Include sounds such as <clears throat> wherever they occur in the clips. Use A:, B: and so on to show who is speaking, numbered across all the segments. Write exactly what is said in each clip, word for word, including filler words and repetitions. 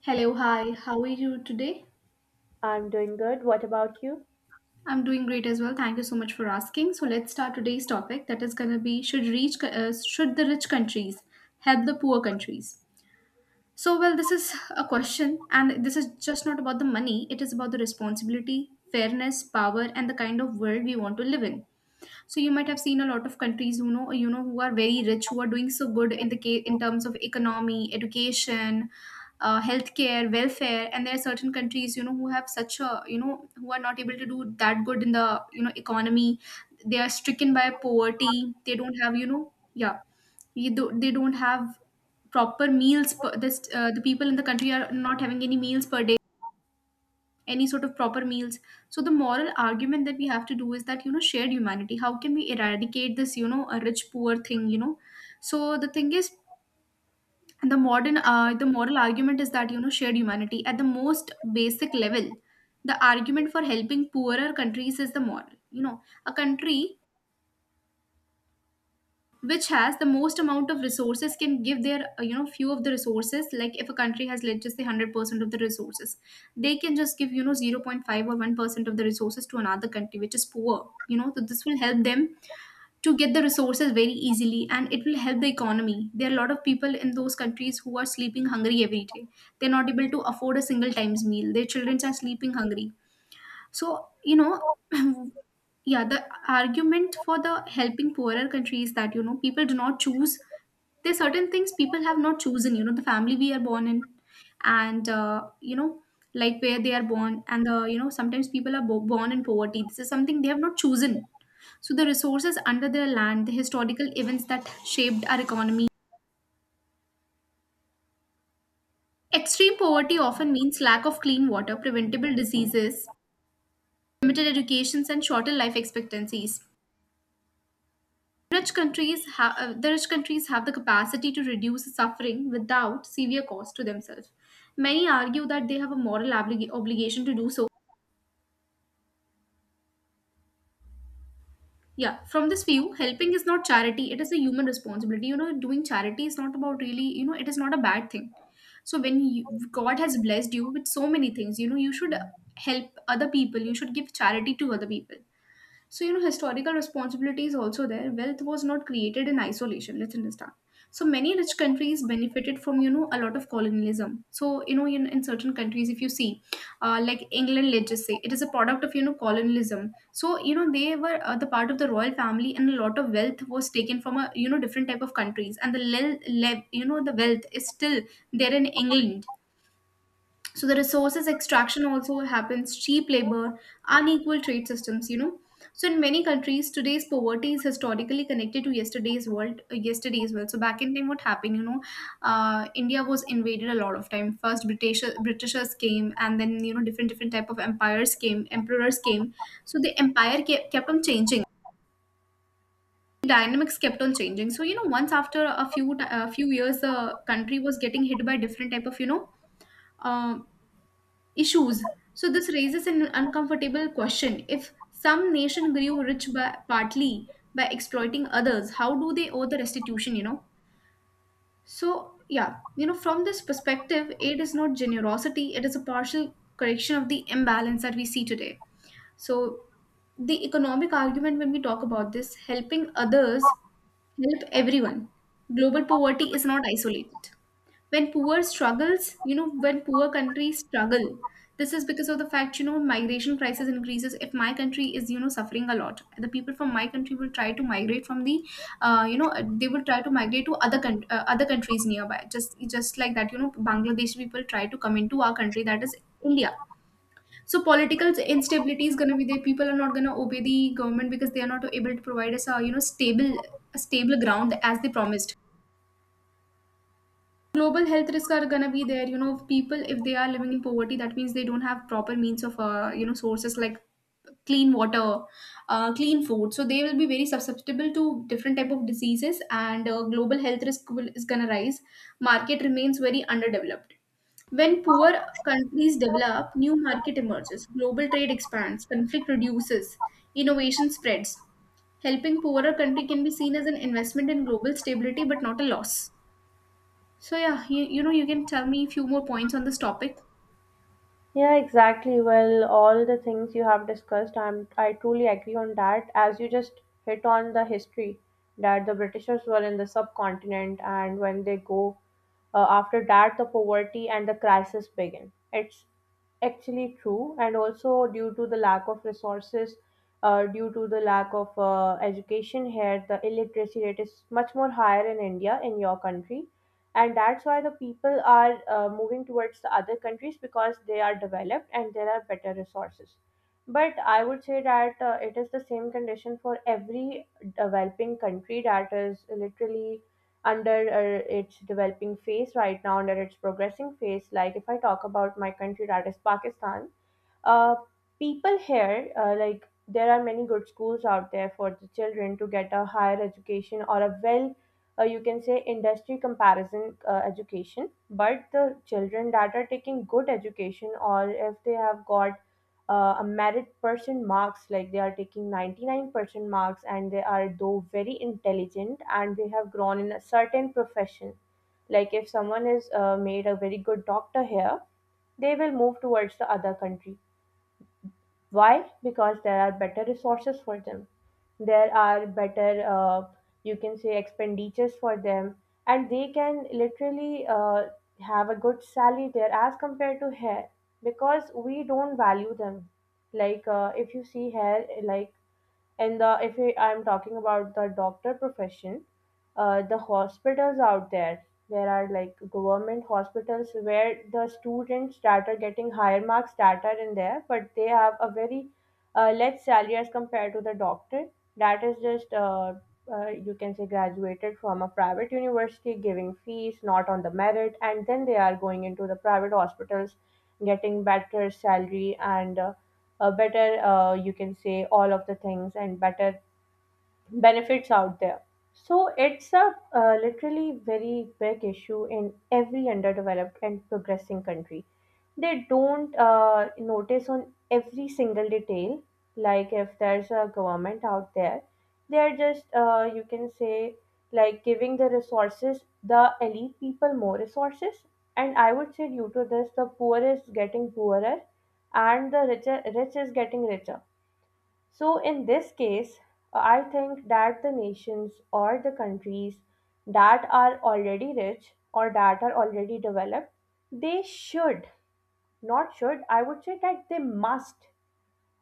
A: Hello, hi, how are you today?
B: I'm doing good. What about you?
A: I'm doing great as well. Thank you so much for asking. So let's start today's topic that is going to be, should reach uh, should the rich countries help the poor countries? So well, this is a question, and this is just not about the money, it is about the responsibility, fairness, power, and the kind of world we want to live in. So you might have seen a lot of countries who know you know who are very rich, who are doing so good in the case in terms of economy, education, uh, healthcare, welfare, and there are certain countries, you know who have such a you know who are not able to do that good in the, you know economy. They are stricken by poverty. They don't have, you know yeah. You do, they don't have proper meals per, this uh, the people in the country are not having any meals per day, any sort of proper meals. So the moral argument that we have to do is that, you know shared humanity. How can we eradicate this, you know a rich poor thing you know So the thing is, the modern uh, the moral argument is that, you know shared humanity at the most basic level. The argument for helping poorer countries is the moral you know A country which has the most amount of resources can give their uh, you know few of the resources, like if a country has, let's just say, one hundred percent of the resources, they can just give, you know zero point zero point five or one percent of the resources to another country which is poor, you know so this will help them to get the resources very easily, and it will help the economy. There are a lot of people in those countries who are sleeping hungry every day. They're not able to afford a single times meal. Their children are sleeping hungry. So, you know, <clears throat> yeah, the argument for the helping poorer countries that, you know, people do not choose. There's certain things people have not chosen, you know, the family we are born in, and, uh, you know, like where they are born, and the, you know, sometimes people are bo- born in poverty. This is something they have not chosen. So the resources under their land, the historical events that shaped our economy. Extreme poverty often means lack of clean water, preventable diseases, limited educations, and shorter life expectancies. Rich countries ha- uh, the rich countries have the capacity to reduce suffering without severe cost to themselves. Many argue that they have a moral oblig- obligation to do so. Yeah, from this view, helping is not charity, it is a human responsibility. You know, doing charity is not about really, you know, it is not a bad thing. So, when you, God has blessed you with so many things, you know, you should help other people, you should give charity to other people. So, you know, historical responsibility is also there. Wealth was not created in isolation, let's understand. So many rich countries benefited from, you know, a lot of colonialism. So, you know, in, in certain countries, if you see, uh, like England, let's just say, it is a product of, you know, colonialism. So, you know, they were uh, the part of the royal family, and a lot of wealth was taken from, a, you know, different type of countries. And the, le- le- you know, the wealth is still there in England. So the resources extraction also happens, cheap labor, unequal trade systems, you know. So in many countries, today's poverty is historically connected to yesterday's world, uh, yesterday's world. So back in time, what happened, you know, uh, India was invaded a lot of time. First, British Britishers came, and then, you know, different different type of empires came, emperors came. So the empire kept, kept on changing. Dynamics kept on changing. So you know, once after a few a few years, the country was getting hit by different type of you know uh, issues. So this raises an uncomfortable question. If some nation grew rich by partly by exploiting others, how do they owe the restitution, you know? So yeah, you know, from this perspective, aid is not generosity, it is a partial correction of the imbalance that we see today. So the economic argument when we talk about this, helping others help everyone. Global poverty is not isolated. When poor struggles you know when poor countries struggle, this is because of the fact, you know migration crisis increases. If my country is, you know suffering a lot, the people from my country will try to migrate from the uh, you know uh, they will try to migrate to other coun- uh, other countries nearby, just just like that, you know Bangladeshi people try to come into our country, that is India. So political instability is going to be there. People are not going to obey the government because they are not able to provide us a you know stable a stable ground as they promised. Global health risks are gonna be there, you know people, if they are living in poverty, that means they don't have proper means of, uh, you know sources like clean water, uh, clean food, so they will be very susceptible to different type of diseases, and uh, global health risk will, is gonna rise. Market remains very underdeveloped. When poor countries develop, new market emerges, global trade expands, conflict reduces, innovation spreads. Helping poorer country can be seen as an investment in global stability but not a loss. So yeah, you, you know, you can tell me a few more points on this topic.
B: Yeah, exactly. Well, all the things you have discussed, I'm I truly agree on that. As you just hit on the history that the Britishers were in the subcontinent, and when they go uh, after that, the poverty and the crisis begin. It's actually true, and also due to the lack of resources, uh, due to the lack of uh, education here, the illiteracy rate is much more higher in India in your country, and that's why the people are uh, moving towards the other countries because they are developed and there are better resources. But I would say that uh, it is the same condition for every developing country that is literally under uh, its developing phase right now, under its progressing phase. Like if I talk about my country, that is Pakistan, uh, people here, uh, like, there are many good schools out there for the children to get a higher education, or a well, uh, you can say industry comparison uh, education. But the children that are taking good education, or if they have got uh, a merit percent marks, like they are taking ninety-nine percent marks and they are though very intelligent and they have grown in a certain profession. Like if someone is uh, made a very good doctor here, they will move towards the other country. Why? Because there are better resources for them. There are better, uh, you can say, expenditures for them, and they can literally uh, have a good salary there as compared to here because we don't value them. Like, uh, if you see here, like, and the if we, I'm talking about the doctor profession. Uh, the hospitals out there, there are like government hospitals where the students that are getting higher marks that are in there, but they have a very uh, less salary as compared to the doctor that is just uh, uh, you can say graduated from a private university giving fees not on the merit, and then they are going into the private hospitals getting better salary and uh, uh, better uh, you can say all of the things and better benefits out there. So it's a uh, literally very big issue in every underdeveloped and progressing country. They don't uh, notice on every single detail. Like if there's a government out there, they're just uh, you can say like giving the resources, the elite people more resources. And I would say due to this, the poor is getting poorer, and the richer rich is getting richer. So, in this case, I think that the nations or the countries that are already rich or that are already developed, they should, not should, I would say that they must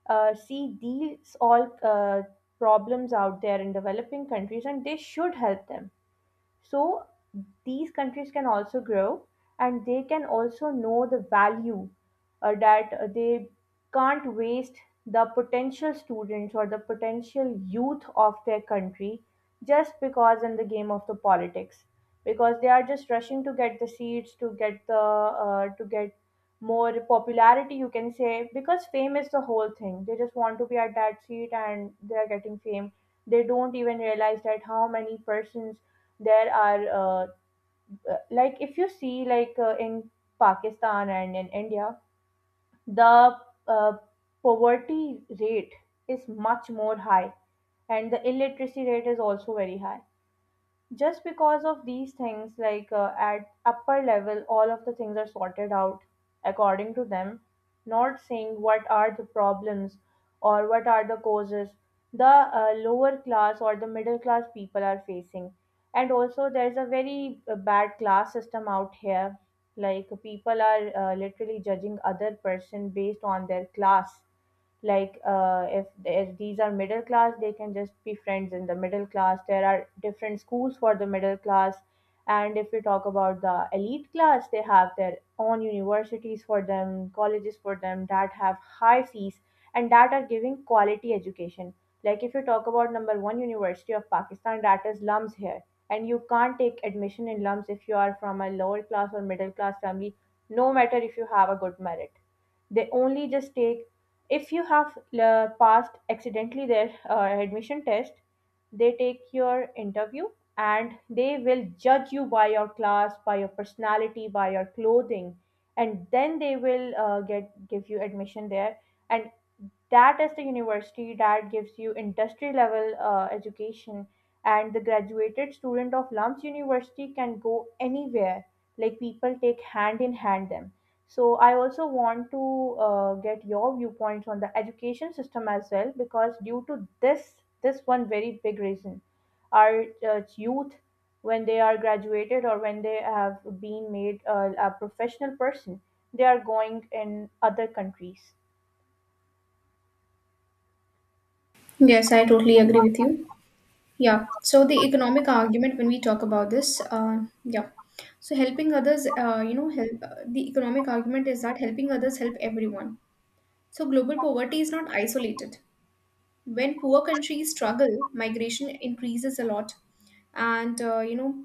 B: uh, see these all uh, problems out there in developing countries, and they should help them so these countries can also grow and they can also know the value uh, that uh, they can't waste the potential students or the potential youth of their country just because in the game of the politics, because they are just rushing to get the seats, to get the uh, to get more popularity, you can say, because fame is the whole thing. They just want to be at that seat and they are getting fame. They don't even realize that how many persons there are, uh, uh, like if you see, like, uh, in Pakistan and in India, the uh, poverty rate is much more high, and the illiteracy rate is also very high, just because of these things. Like, uh, at upper level, all of the things are sorted out according to them, not saying what are the problems or what are the causes the uh, lower class or the middle class people are facing. And also there's a very uh, bad class system out here. Like, people are uh, literally judging other person based on their class. Like, uh, if, if these are middle class, they can just be friends in the middle class. There are different schools for the middle class, and if we talk about the elite class, they have their own universities for them, colleges for them, that have high fees and that are giving quality education. Like, if you talk about number one University of Pakistan, that is L U M S here, and you can't take admission in L U M S if you are from a lower class or middle class family, no matter if you have a good merit. They only just take, if you have uh, passed accidentally their uh, admission test, they take your interview, and they will judge you by your class, by your personality, by your clothing, and then they will uh, get give you admission there. And that is the university that gives you industry level uh, education, and the graduated student of lumps university can go anywhere, like people take hand in hand them. So I also want to uh, get your viewpoints on the education system as well, because due to this, this one very big reason, our uh, youth, when they are graduated or when they have been made uh, a professional person, they are going in other countries.
A: Yes, I totally agree with you. Yeah. So the economic argument when we talk about this, uh, yeah. So helping others, uh, you know, help. Uh, the economic argument is that helping others help everyone. So global poverty is not isolated. When poor countries struggle, migration increases a lot, and uh, you know,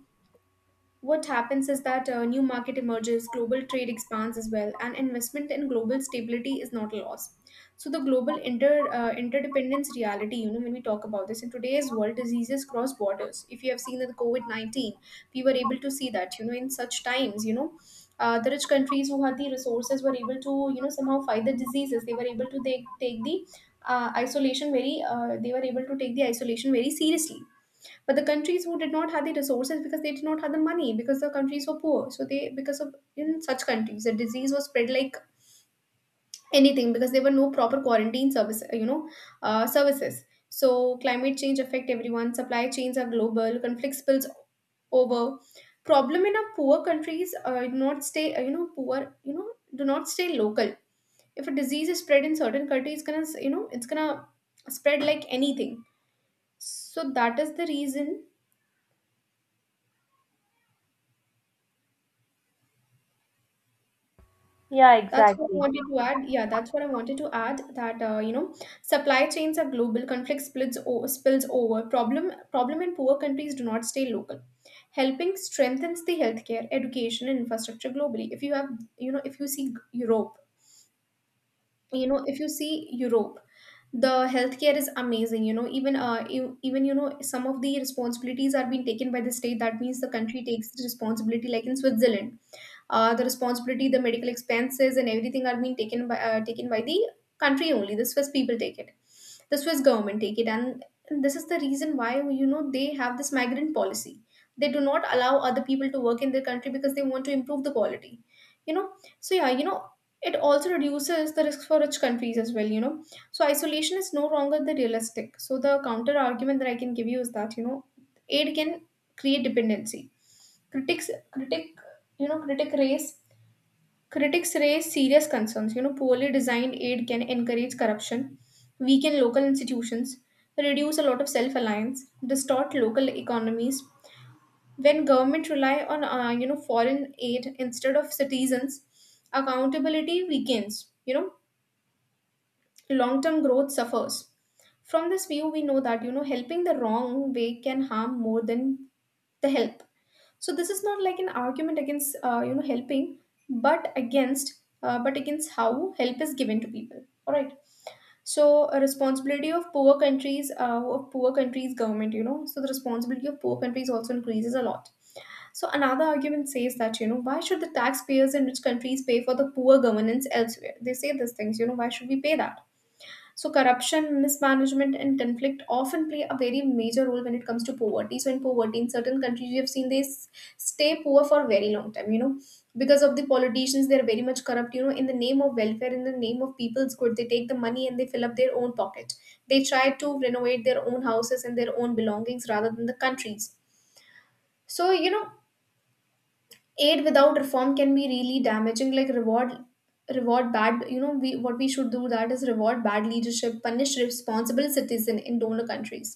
A: what happens is that a new market emerges, global trade expands as well, and investment in global stability is not a loss. So the global inter uh, interdependence reality, you know, when we talk about this in today's world, diseases cross borders. If you have seen that the COVID nineteen, we were able to see that, you know, in such times, you know, uh, the rich countries who had the resources were able to, you know, somehow fight the diseases. They were able to take take the uh, isolation very. Uh, they were able to take the isolation very seriously, but the countries who did not have the resources, because they did not have the money, because the countries were poor. So they because of in such countries, the disease was spread like anything because there were no proper quarantine service you know uh, services. So climate change affect everyone. Supply chains are global. Conflict spills over. Problem in a poor countries uh, do not stay uh, you know poor you know do not stay local. If a disease is spread in certain countries, it's gonna, you know it's gonna spread like anything. So that is the reason.
B: Yeah,
A: That's what I
B: exactly.
A: wanted to add. Yeah, that's what I wanted to add. That uh, you know, supply chains are global. Conflict splits o- spills over. Problem problem in poor countries do not stay local. Helping strengthens the healthcare, education, and infrastructure globally. If you have, you know, If you see Europe, you know, if you see Europe, the healthcare is amazing. You know, even uh, you, even you know, some of the responsibilities are being taken by the state. That means the country takes the responsibility, like in Switzerland, uh, the responsibility, the medical expenses, and everything are being taken by, uh, taken by the country only. The Swiss people take it. The Swiss government take it, and this is the reason why, you know they have this migrant policy. They do not allow other people to work in their country because they want to improve the quality. You know, so yeah, you know. It also reduces the risk for rich countries as well, you know. So isolation is no longer the realistic. So the counter argument that I can give you is that, you know, aid can create dependency. Critics critic you know critic raise. Critics raise serious concerns. You know, poorly designed aid can encourage corruption, weaken local institutions, reduce a lot of self-reliance, distort local economies. When government rely on uh, you know foreign aid instead of citizens, accountability weakens. You know, long-term growth suffers. From this view, we know that you know helping the wrong way can harm more than the help. So this is not like an argument against uh, you know helping, but against uh, but against how help is given to people, all right? So a responsibility of poor countries, uh, of poor countries government, you know so the responsibility of poor countries also increases a lot. So another argument says that, you know why should the taxpayers in rich countries pay for the poor governance elsewhere? They say these things. You know why should we pay that? So corruption, mismanagement, and conflict often play a very major role when it comes to poverty. So in poverty, in certain countries, you have seen they s- stay poor for a very long time. You know, because of the politicians, they are very much corrupt. You know, in the name of welfare, in the name of people's good, they take the money and they fill up their own pocket. They try to renovate their own houses and their own belongings rather than the countries. So you know, aid without reform can be really damaging, like reward, reward bad you know We, what we should do, that is reward bad leadership, punish responsible citizen in donor countries.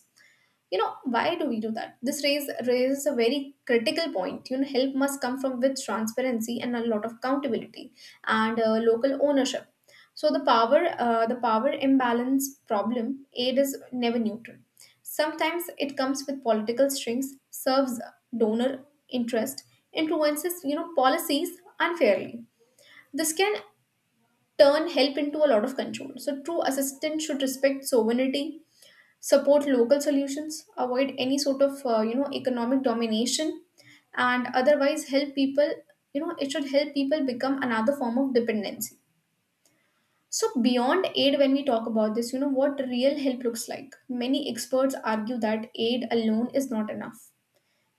A: You know, why do we do that? This raise, raises a very critical point. You know, help must come from with transparency and a lot of accountability, and uh, local ownership. So the power, uh, the power imbalance problem: aid is never neutral. Sometimes it comes with political strings, serves donor interest, influences, you know, policies unfairly. This can turn help into a lot of control. So true assistance should respect sovereignty, support local solutions, avoid any sort of uh, you know economic domination. And otherwise help people, you know, it should help people become another form of dependency. So beyond aid, when we talk about this, you know, what real help looks like, many experts argue that aid alone is not enough.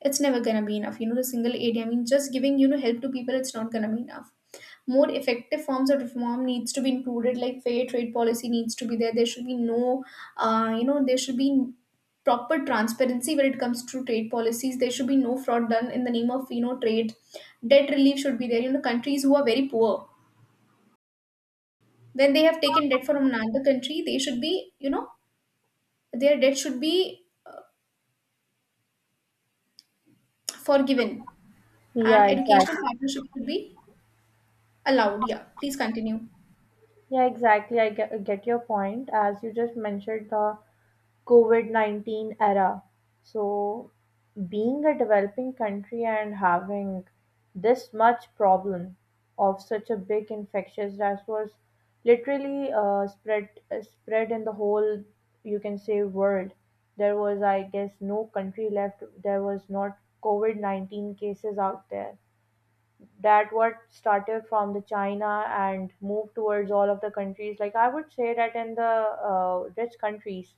A: It's never gonna be enough. You know, the single area, I mean, just giving, you know, help to people, it's not gonna be enough. More effective forms of reform needs to be included, like fair trade policy needs to be there. There should be no, uh, you know, there should be proper transparency when it comes to trade policies. There should be no fraud done in the name of, you know, trade. Debt relief should be there. You know, countries who are very poor, when they have taken debt from another country, they should be, you know, their debt should be forgiven,
B: Yeah,
A: and educational
B: exactly.
A: partnership should be allowed. Yeah, please continue.
B: Yeah, exactly. I get, get your point. As you just mentioned, the COVID nineteen era. So, being a developing country and having this much problem of such a big infectious that was literally uh, spread uh, spread in the whole, you can say, world. There was, I guess, no country left. There was not COVID nineteen cases out there, that what started from the China and moved towards all of the countries. Like I would say that in the uh, rich countries,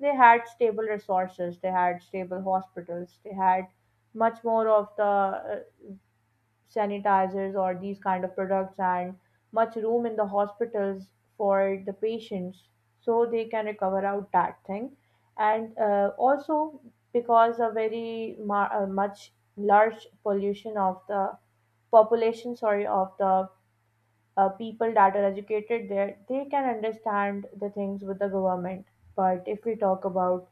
B: they had stable resources, they had stable hospitals, they had much more of the uh, sanitizers or these kind of products, and much room in the hospitals for the patients so they can recover out that thing. And uh, also because a very ma- uh, much large pollution of the population, sorry, of the uh, people that are educated there, they can understand the things with the government. But if we talk about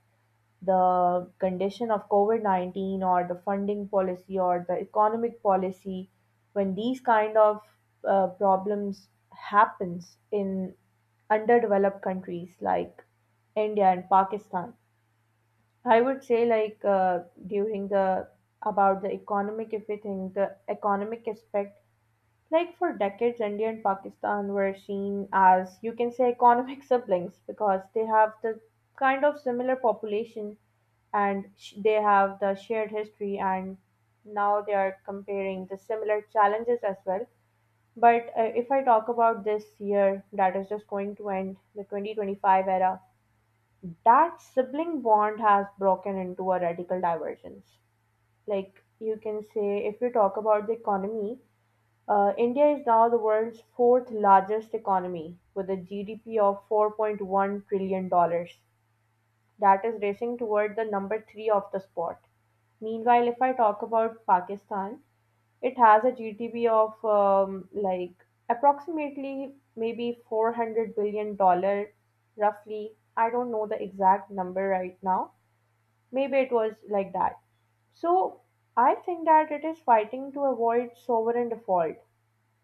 B: the condition of COVID nineteen or the funding policy or the economic policy, when these kind of uh, problems happens in underdeveloped countries like India and Pakistan, I would say like uh, during the, about the economic, if we think the economic aspect, like for decades, India and Pakistan were seen as, you can say, economic <laughs> siblings, because they have the kind of similar population, and sh- they have the shared history, and now they are comparing the similar challenges as well. But uh, if I talk about this year that is just going to end, the twenty twenty-five era, that sibling bond has broken into a radical divergence. Like you can say, if you talk about the economy, uh, India is now the world's fourth largest economy with a G D P of four point one trillion dollars. That is racing toward the number three of the spot. Meanwhile, if I talk about Pakistan, it has a G D P of um, like approximately maybe four hundred billion dollar roughly. I don't know the exact number right now. Maybe it was like that. So I think that it is fighting to avoid sovereign default,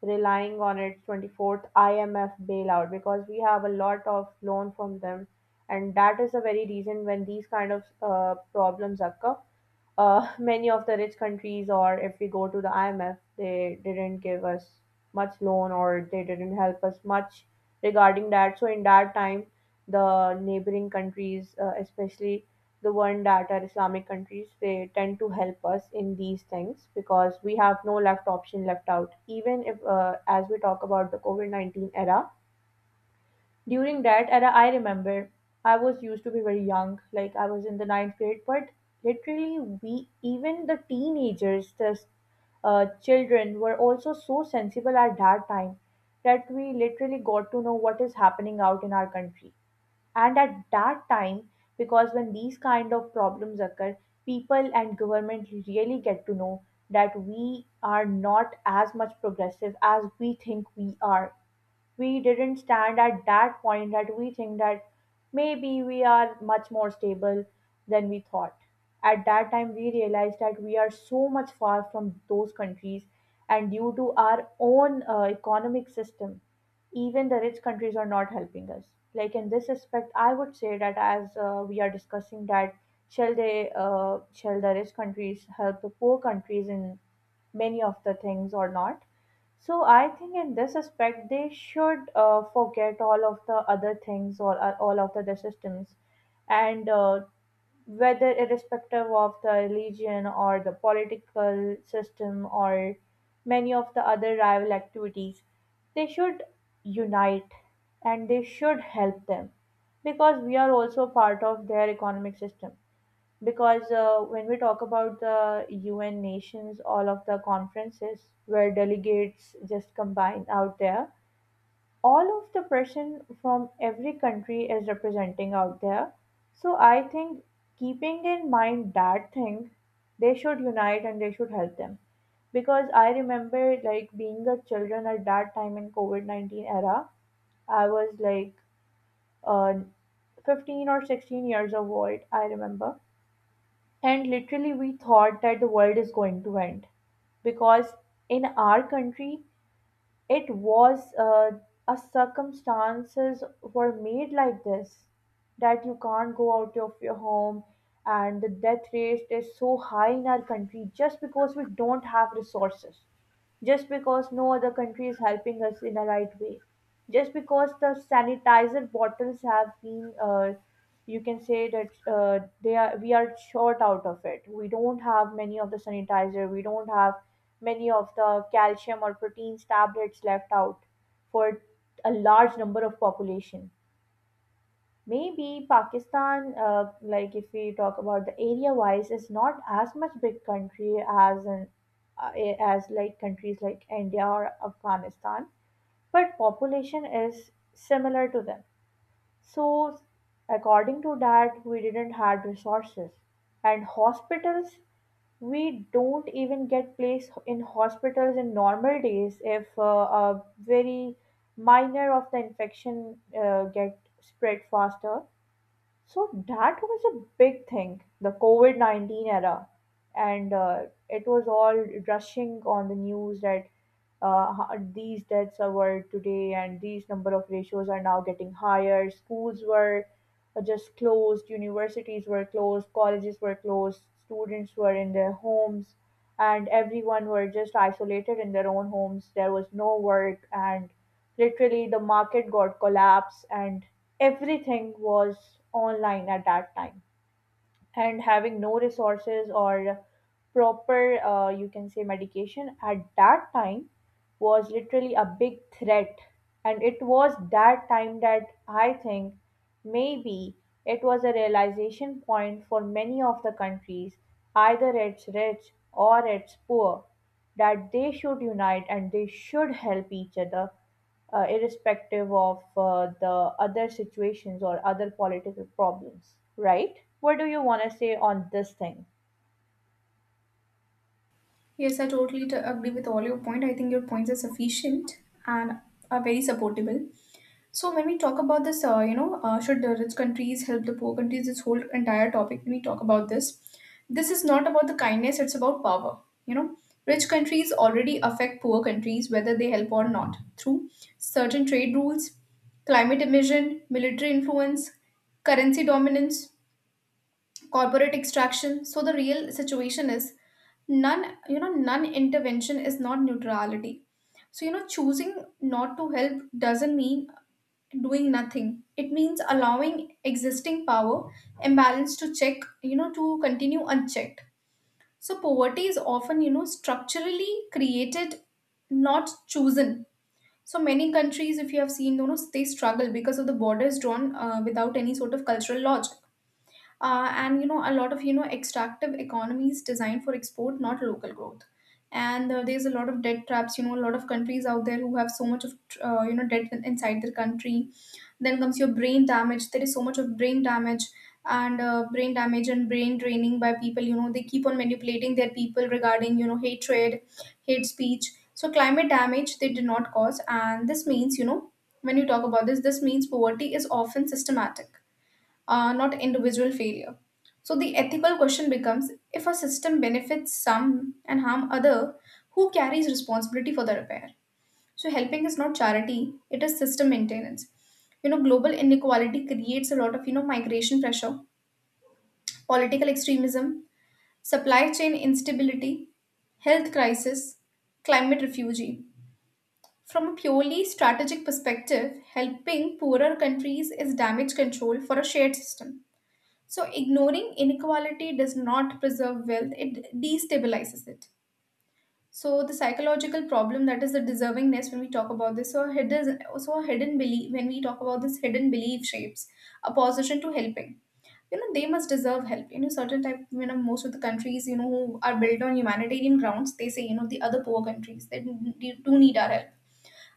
B: relying on its twenty-fourth I M F bailout because we have a lot of loan from them, and that is the very reason when these kind of uh, problems occur, uh, many of the rich countries, or if we go to the I M F, they didn't give us much loan or they didn't help us much regarding that. So in that time, the neighboring countries, uh, especially the one that are Islamic countries, they tend to help us in these things because we have no left option left out. Even if, uh, as we talk about the COVID nineteen era, during that era, I remember I was used to be very young, like I was in the ninth grade, but literally, we, even the teenagers, the uh, children, were also so sensible at that time that we literally got to know what is happening out in our country. And at that time, because when these kind of problems occur, people and government really get to know that we are not as much progressive as we think we are. We didn't stand at that point that we think that maybe we are much more stable than we thought. At that time, we realized that we are so much far from those countries, and due to our own uh, economic system, even the rich countries are not helping us. Like in this respect, I would say that as uh, we are discussing that shall they uh, shall the rich countries help the poor countries in many of the things or not? So I think in this aspect, they should uh, forget all of the other things or uh, all of the other systems, and uh, whether irrespective of the religion or the political system or many of the other rival activities, they should unite and they should help them because we are also part of their economic system because uh, when we talk about the U N nations, all of the conferences where delegates just combine out there, all of the person from every country is representing out there. So I think keeping in mind that thing, they should unite and they should help them. Because I remember like being a children at that time in COVID nineteen era, I was like uh, fifteen or sixteen years of old, I remember. And literally, we thought that the world is going to end because in our country, it was uh, a circumstances were made like this that you can't go out of your home, and the death rate is so high in our country just because we don't have resources, just because no other country is helping us in a right way, just because the sanitizer bottles have been uh, you can say that uh, they are we are short out of it, we don't have many of the sanitizer, we don't have many of the calcium or proteins tablets left out for a large number of population. Maybe Pakistan, uh, like if we talk about the area wise, is not as much big country as an uh, a- as like countries like India or Afghanistan, but population is similar to them. So according to that, we didn't had resources and hospitals, we don't even get placed in hospitals in normal days if uh, a very minor of the infection uh, get spread faster, so that was a big thing, the COVID nineteen era. And uh, it was all rushing on the news that uh, ho- these deaths are were today and these number of ratios are now getting higher. Schools were uh, just closed, universities were closed, colleges were closed, students were in their homes, and everyone were just isolated in their own homes. There was no work, and literally the market got collapsed, and everything was online at that time, and having no resources or proper uh, you can say medication at that time was literally a big threat. And it was that time that I think maybe it was a realization point for many of the countries, either it's rich or it's poor, that they should unite and they should help each other, uh, irrespective of uh, the other situations or other political problems, right? What do you want to say on this thing?
A: Yes, I totally t- agree with all your point. I think your points are sufficient and are very supportable. So when we talk about this, uh, you know, uh, should the rich countries help the poor countries? This whole entire topic, when we talk about this, this is not about the kindness. It's about power. You know, rich countries already affect poor countries whether they help or not, through certain trade rules, climate emission, military influence, currency dominance, corporate extraction. So the real situation is none, you know, none intervention is not neutrality. So, you know, choosing not to help doesn't mean doing nothing. It means allowing existing power imbalance to check, you know, to continue unchecked. So, poverty is often, you know, structurally created, not chosen. So, many countries, if you have seen, you know, they struggle because of the borders drawn uh, without any sort of cultural lodge, uh, and you know a lot of, you know, extractive economies designed for export, not local growth. And uh, there's a lot of debt traps. You know, a lot of countries out there who have so much of, uh, you know debt in- inside their country. Then comes your brain damage. There is so much of brain damage. And uh, brain damage and brain draining by people. You know, they keep on manipulating their people regarding, you know, hatred, hate speech. So climate damage they did not cause, and this means, you know, when you talk about this, this means poverty is often systematic, uh, not individual failure. So the ethical question becomes: if a system benefits some and harm other, who carries responsibility for the repair? So helping is not charity, it is system maintenance. You know, global inequality creates a lot of, you know, migration pressure, political extremism, supply chain instability, health crisis, climate refugee. From a purely strategic perspective, helping poorer countries is damage control for a shared system. So, ignoring inequality does not preserve wealth, it destabilizes it. So, the psychological problem, that is the deservingness, when we talk about this, so hidden, so hidden belief, when we talk about this, hidden belief shapes opposition to helping. You know, they must deserve help. You know, certain type, you know, most of the countries, you know, who are built on humanitarian grounds, they say, you know, the other poor countries, they do do need our help,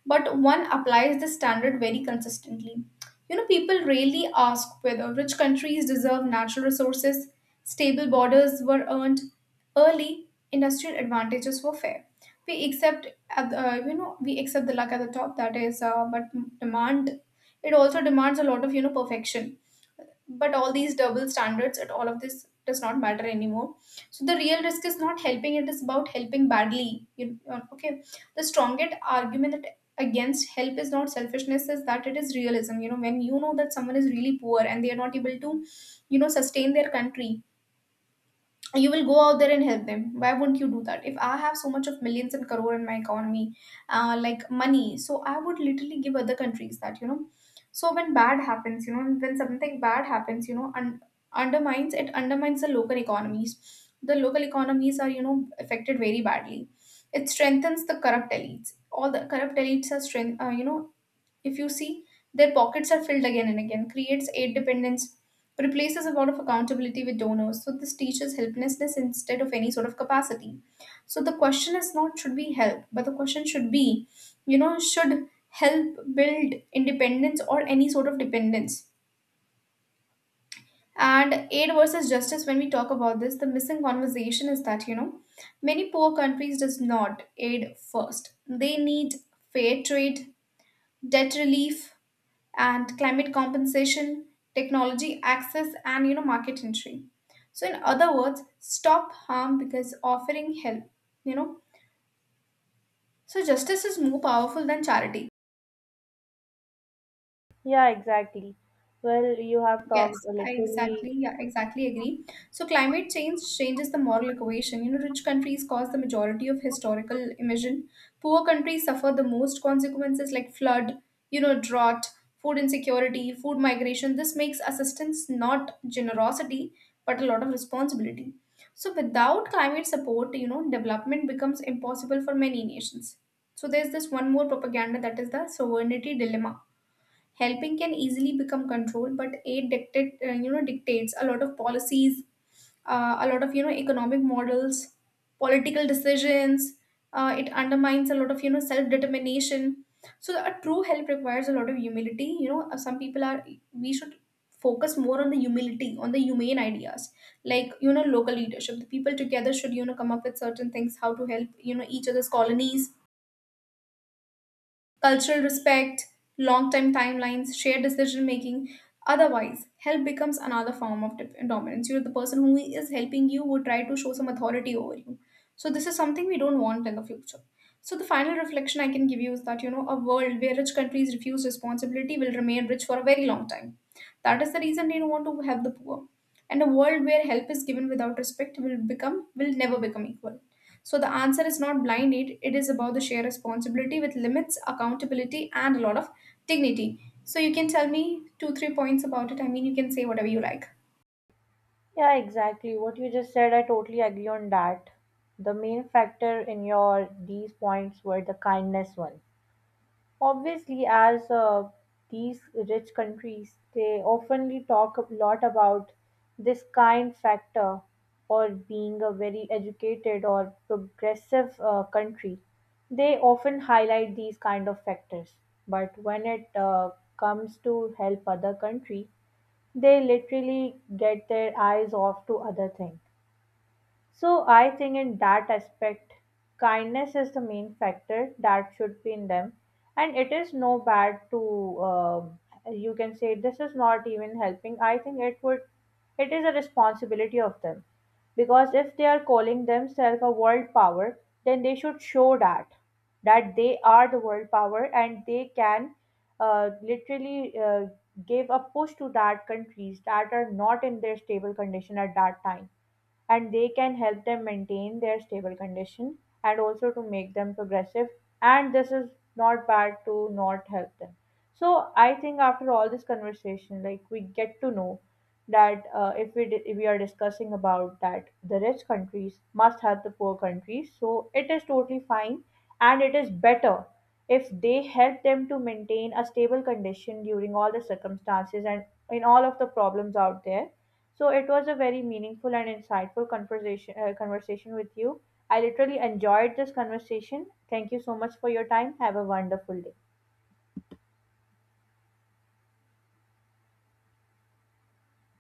A: but one applies the standard very consistently. You know, people rarely ask whether rich countries deserve natural resources, stable borders were earned early, industrial advantages were fair. We accept, at the- uh, you know, we accept the luck at the top. That is, uh, but demand, it also demands a lot of, you know, perfection. But all these double standards and all of this does not matter anymore. So the real risk is not helping, it is about helping badly. You uh, Okay, the strongest argument against help is not selfishness, is that it is realism. You know, when you know that someone is really poor and they are not able to, you know, sustain their country, you will go out there and help them. Why wouldn't you do that? If I have so much of millions and crore in my economy, uh, like money, so I would literally give other countries that, you know. So when bad happens, you know, when something bad happens, you know, and undermines, it undermines the local economies. The local economies are, you know, affected very badly. It strengthens the corrupt elites. All the corrupt elites are strength uh, you know, if you see, their pockets are filled again and again, creates aid dependence, replaces a lot of accountability with donors. So this teaches helplessness instead of any sort of capacity. So the question is not should we help, but the question should be, you know, should help build independence or any sort of dependence. And aid versus justice, when we talk about this, the missing conversation is that, you know, many poor countries does not aid first. They need fair trade, debt relief and climate compensation, technology access, and you know market entry. So in other words, stop harm because offering help. You know, so justice is more powerful than charity.
B: Yeah, exactly. Well, you have talked
A: Yes, I
B: literally.
A: exactly, yeah, exactly agree. So climate change changes the moral equation. You know, rich countries cause the majority of historical emission. Poor countries suffer the most consequences, like flood, you know, drought, food insecurity, food migration. This makes assistance not generosity, but a lot of responsibility. So without climate support, you know, development becomes impossible for many nations. So there's this one more propaganda, that is the sovereignty dilemma. Helping can easily become control, but aid dictate, uh, you know dictates a lot of policies, uh, a lot of, you know, economic models, political decisions. Uh, it undermines a lot of, you know, self determination. So a true help requires a lot of humility. You know, uh, some people are, we should focus more on the humility, on the humane ideas, like, you know, local leadership. The people together should, you know, come up with certain things, how to help, you know, each other's colonies, cultural respect, long time timelines, shared decision making. Otherwise, help becomes another form of dip- dominance. You know, the person who is helping you would try to show some authority over you. So, this is something we don't want in the future. So, the final reflection I can give you is that, you know, a world where rich countries refuse responsibility will remain rich for a very long time. That is the reason they don't want to help the poor. And a world where help is given without respect will become will never become equal. So the answer is not blind aid, it is about the shared responsibility with limits, accountability, and a lot of dignity. So you can tell me two, three points about it. I mean you can say whatever you like.
B: Yeah, exactly. What you just said, I totally agree on that. The main factor in your these points were the kindness one. Obviously, as uh, these rich countries, they oftenly talk a lot about this kind factor or being a very educated or progressive uh, country. They often highlight these kind of factors. But when it uh, comes to help other country, they literally get their eyes off to other things. So I think in that aspect, kindness is the main factor that should be in them, and it is no bad to um you can say this is not even helping. I think it would, it is a responsibility of them, because if they are calling themselves a world power, then they should show that, that they are the world power and they can uh, literally uh, give a push to that countries that are not in their stable condition at that time, and they can help them maintain their stable condition and also to make them progressive. And this is not bad to not help them. So I think after all this conversation, like, we get to know that uh, if we di- if we are discussing about that the rich countries must help the poor countries, so it is totally fine, and it is better if they help them to maintain a stable condition during all the circumstances and in all of the problems out there. So it was a very meaningful and insightful conversation uh, conversation with you. I literally enjoyed this conversation. Thank you so much for your time. Have a wonderful day.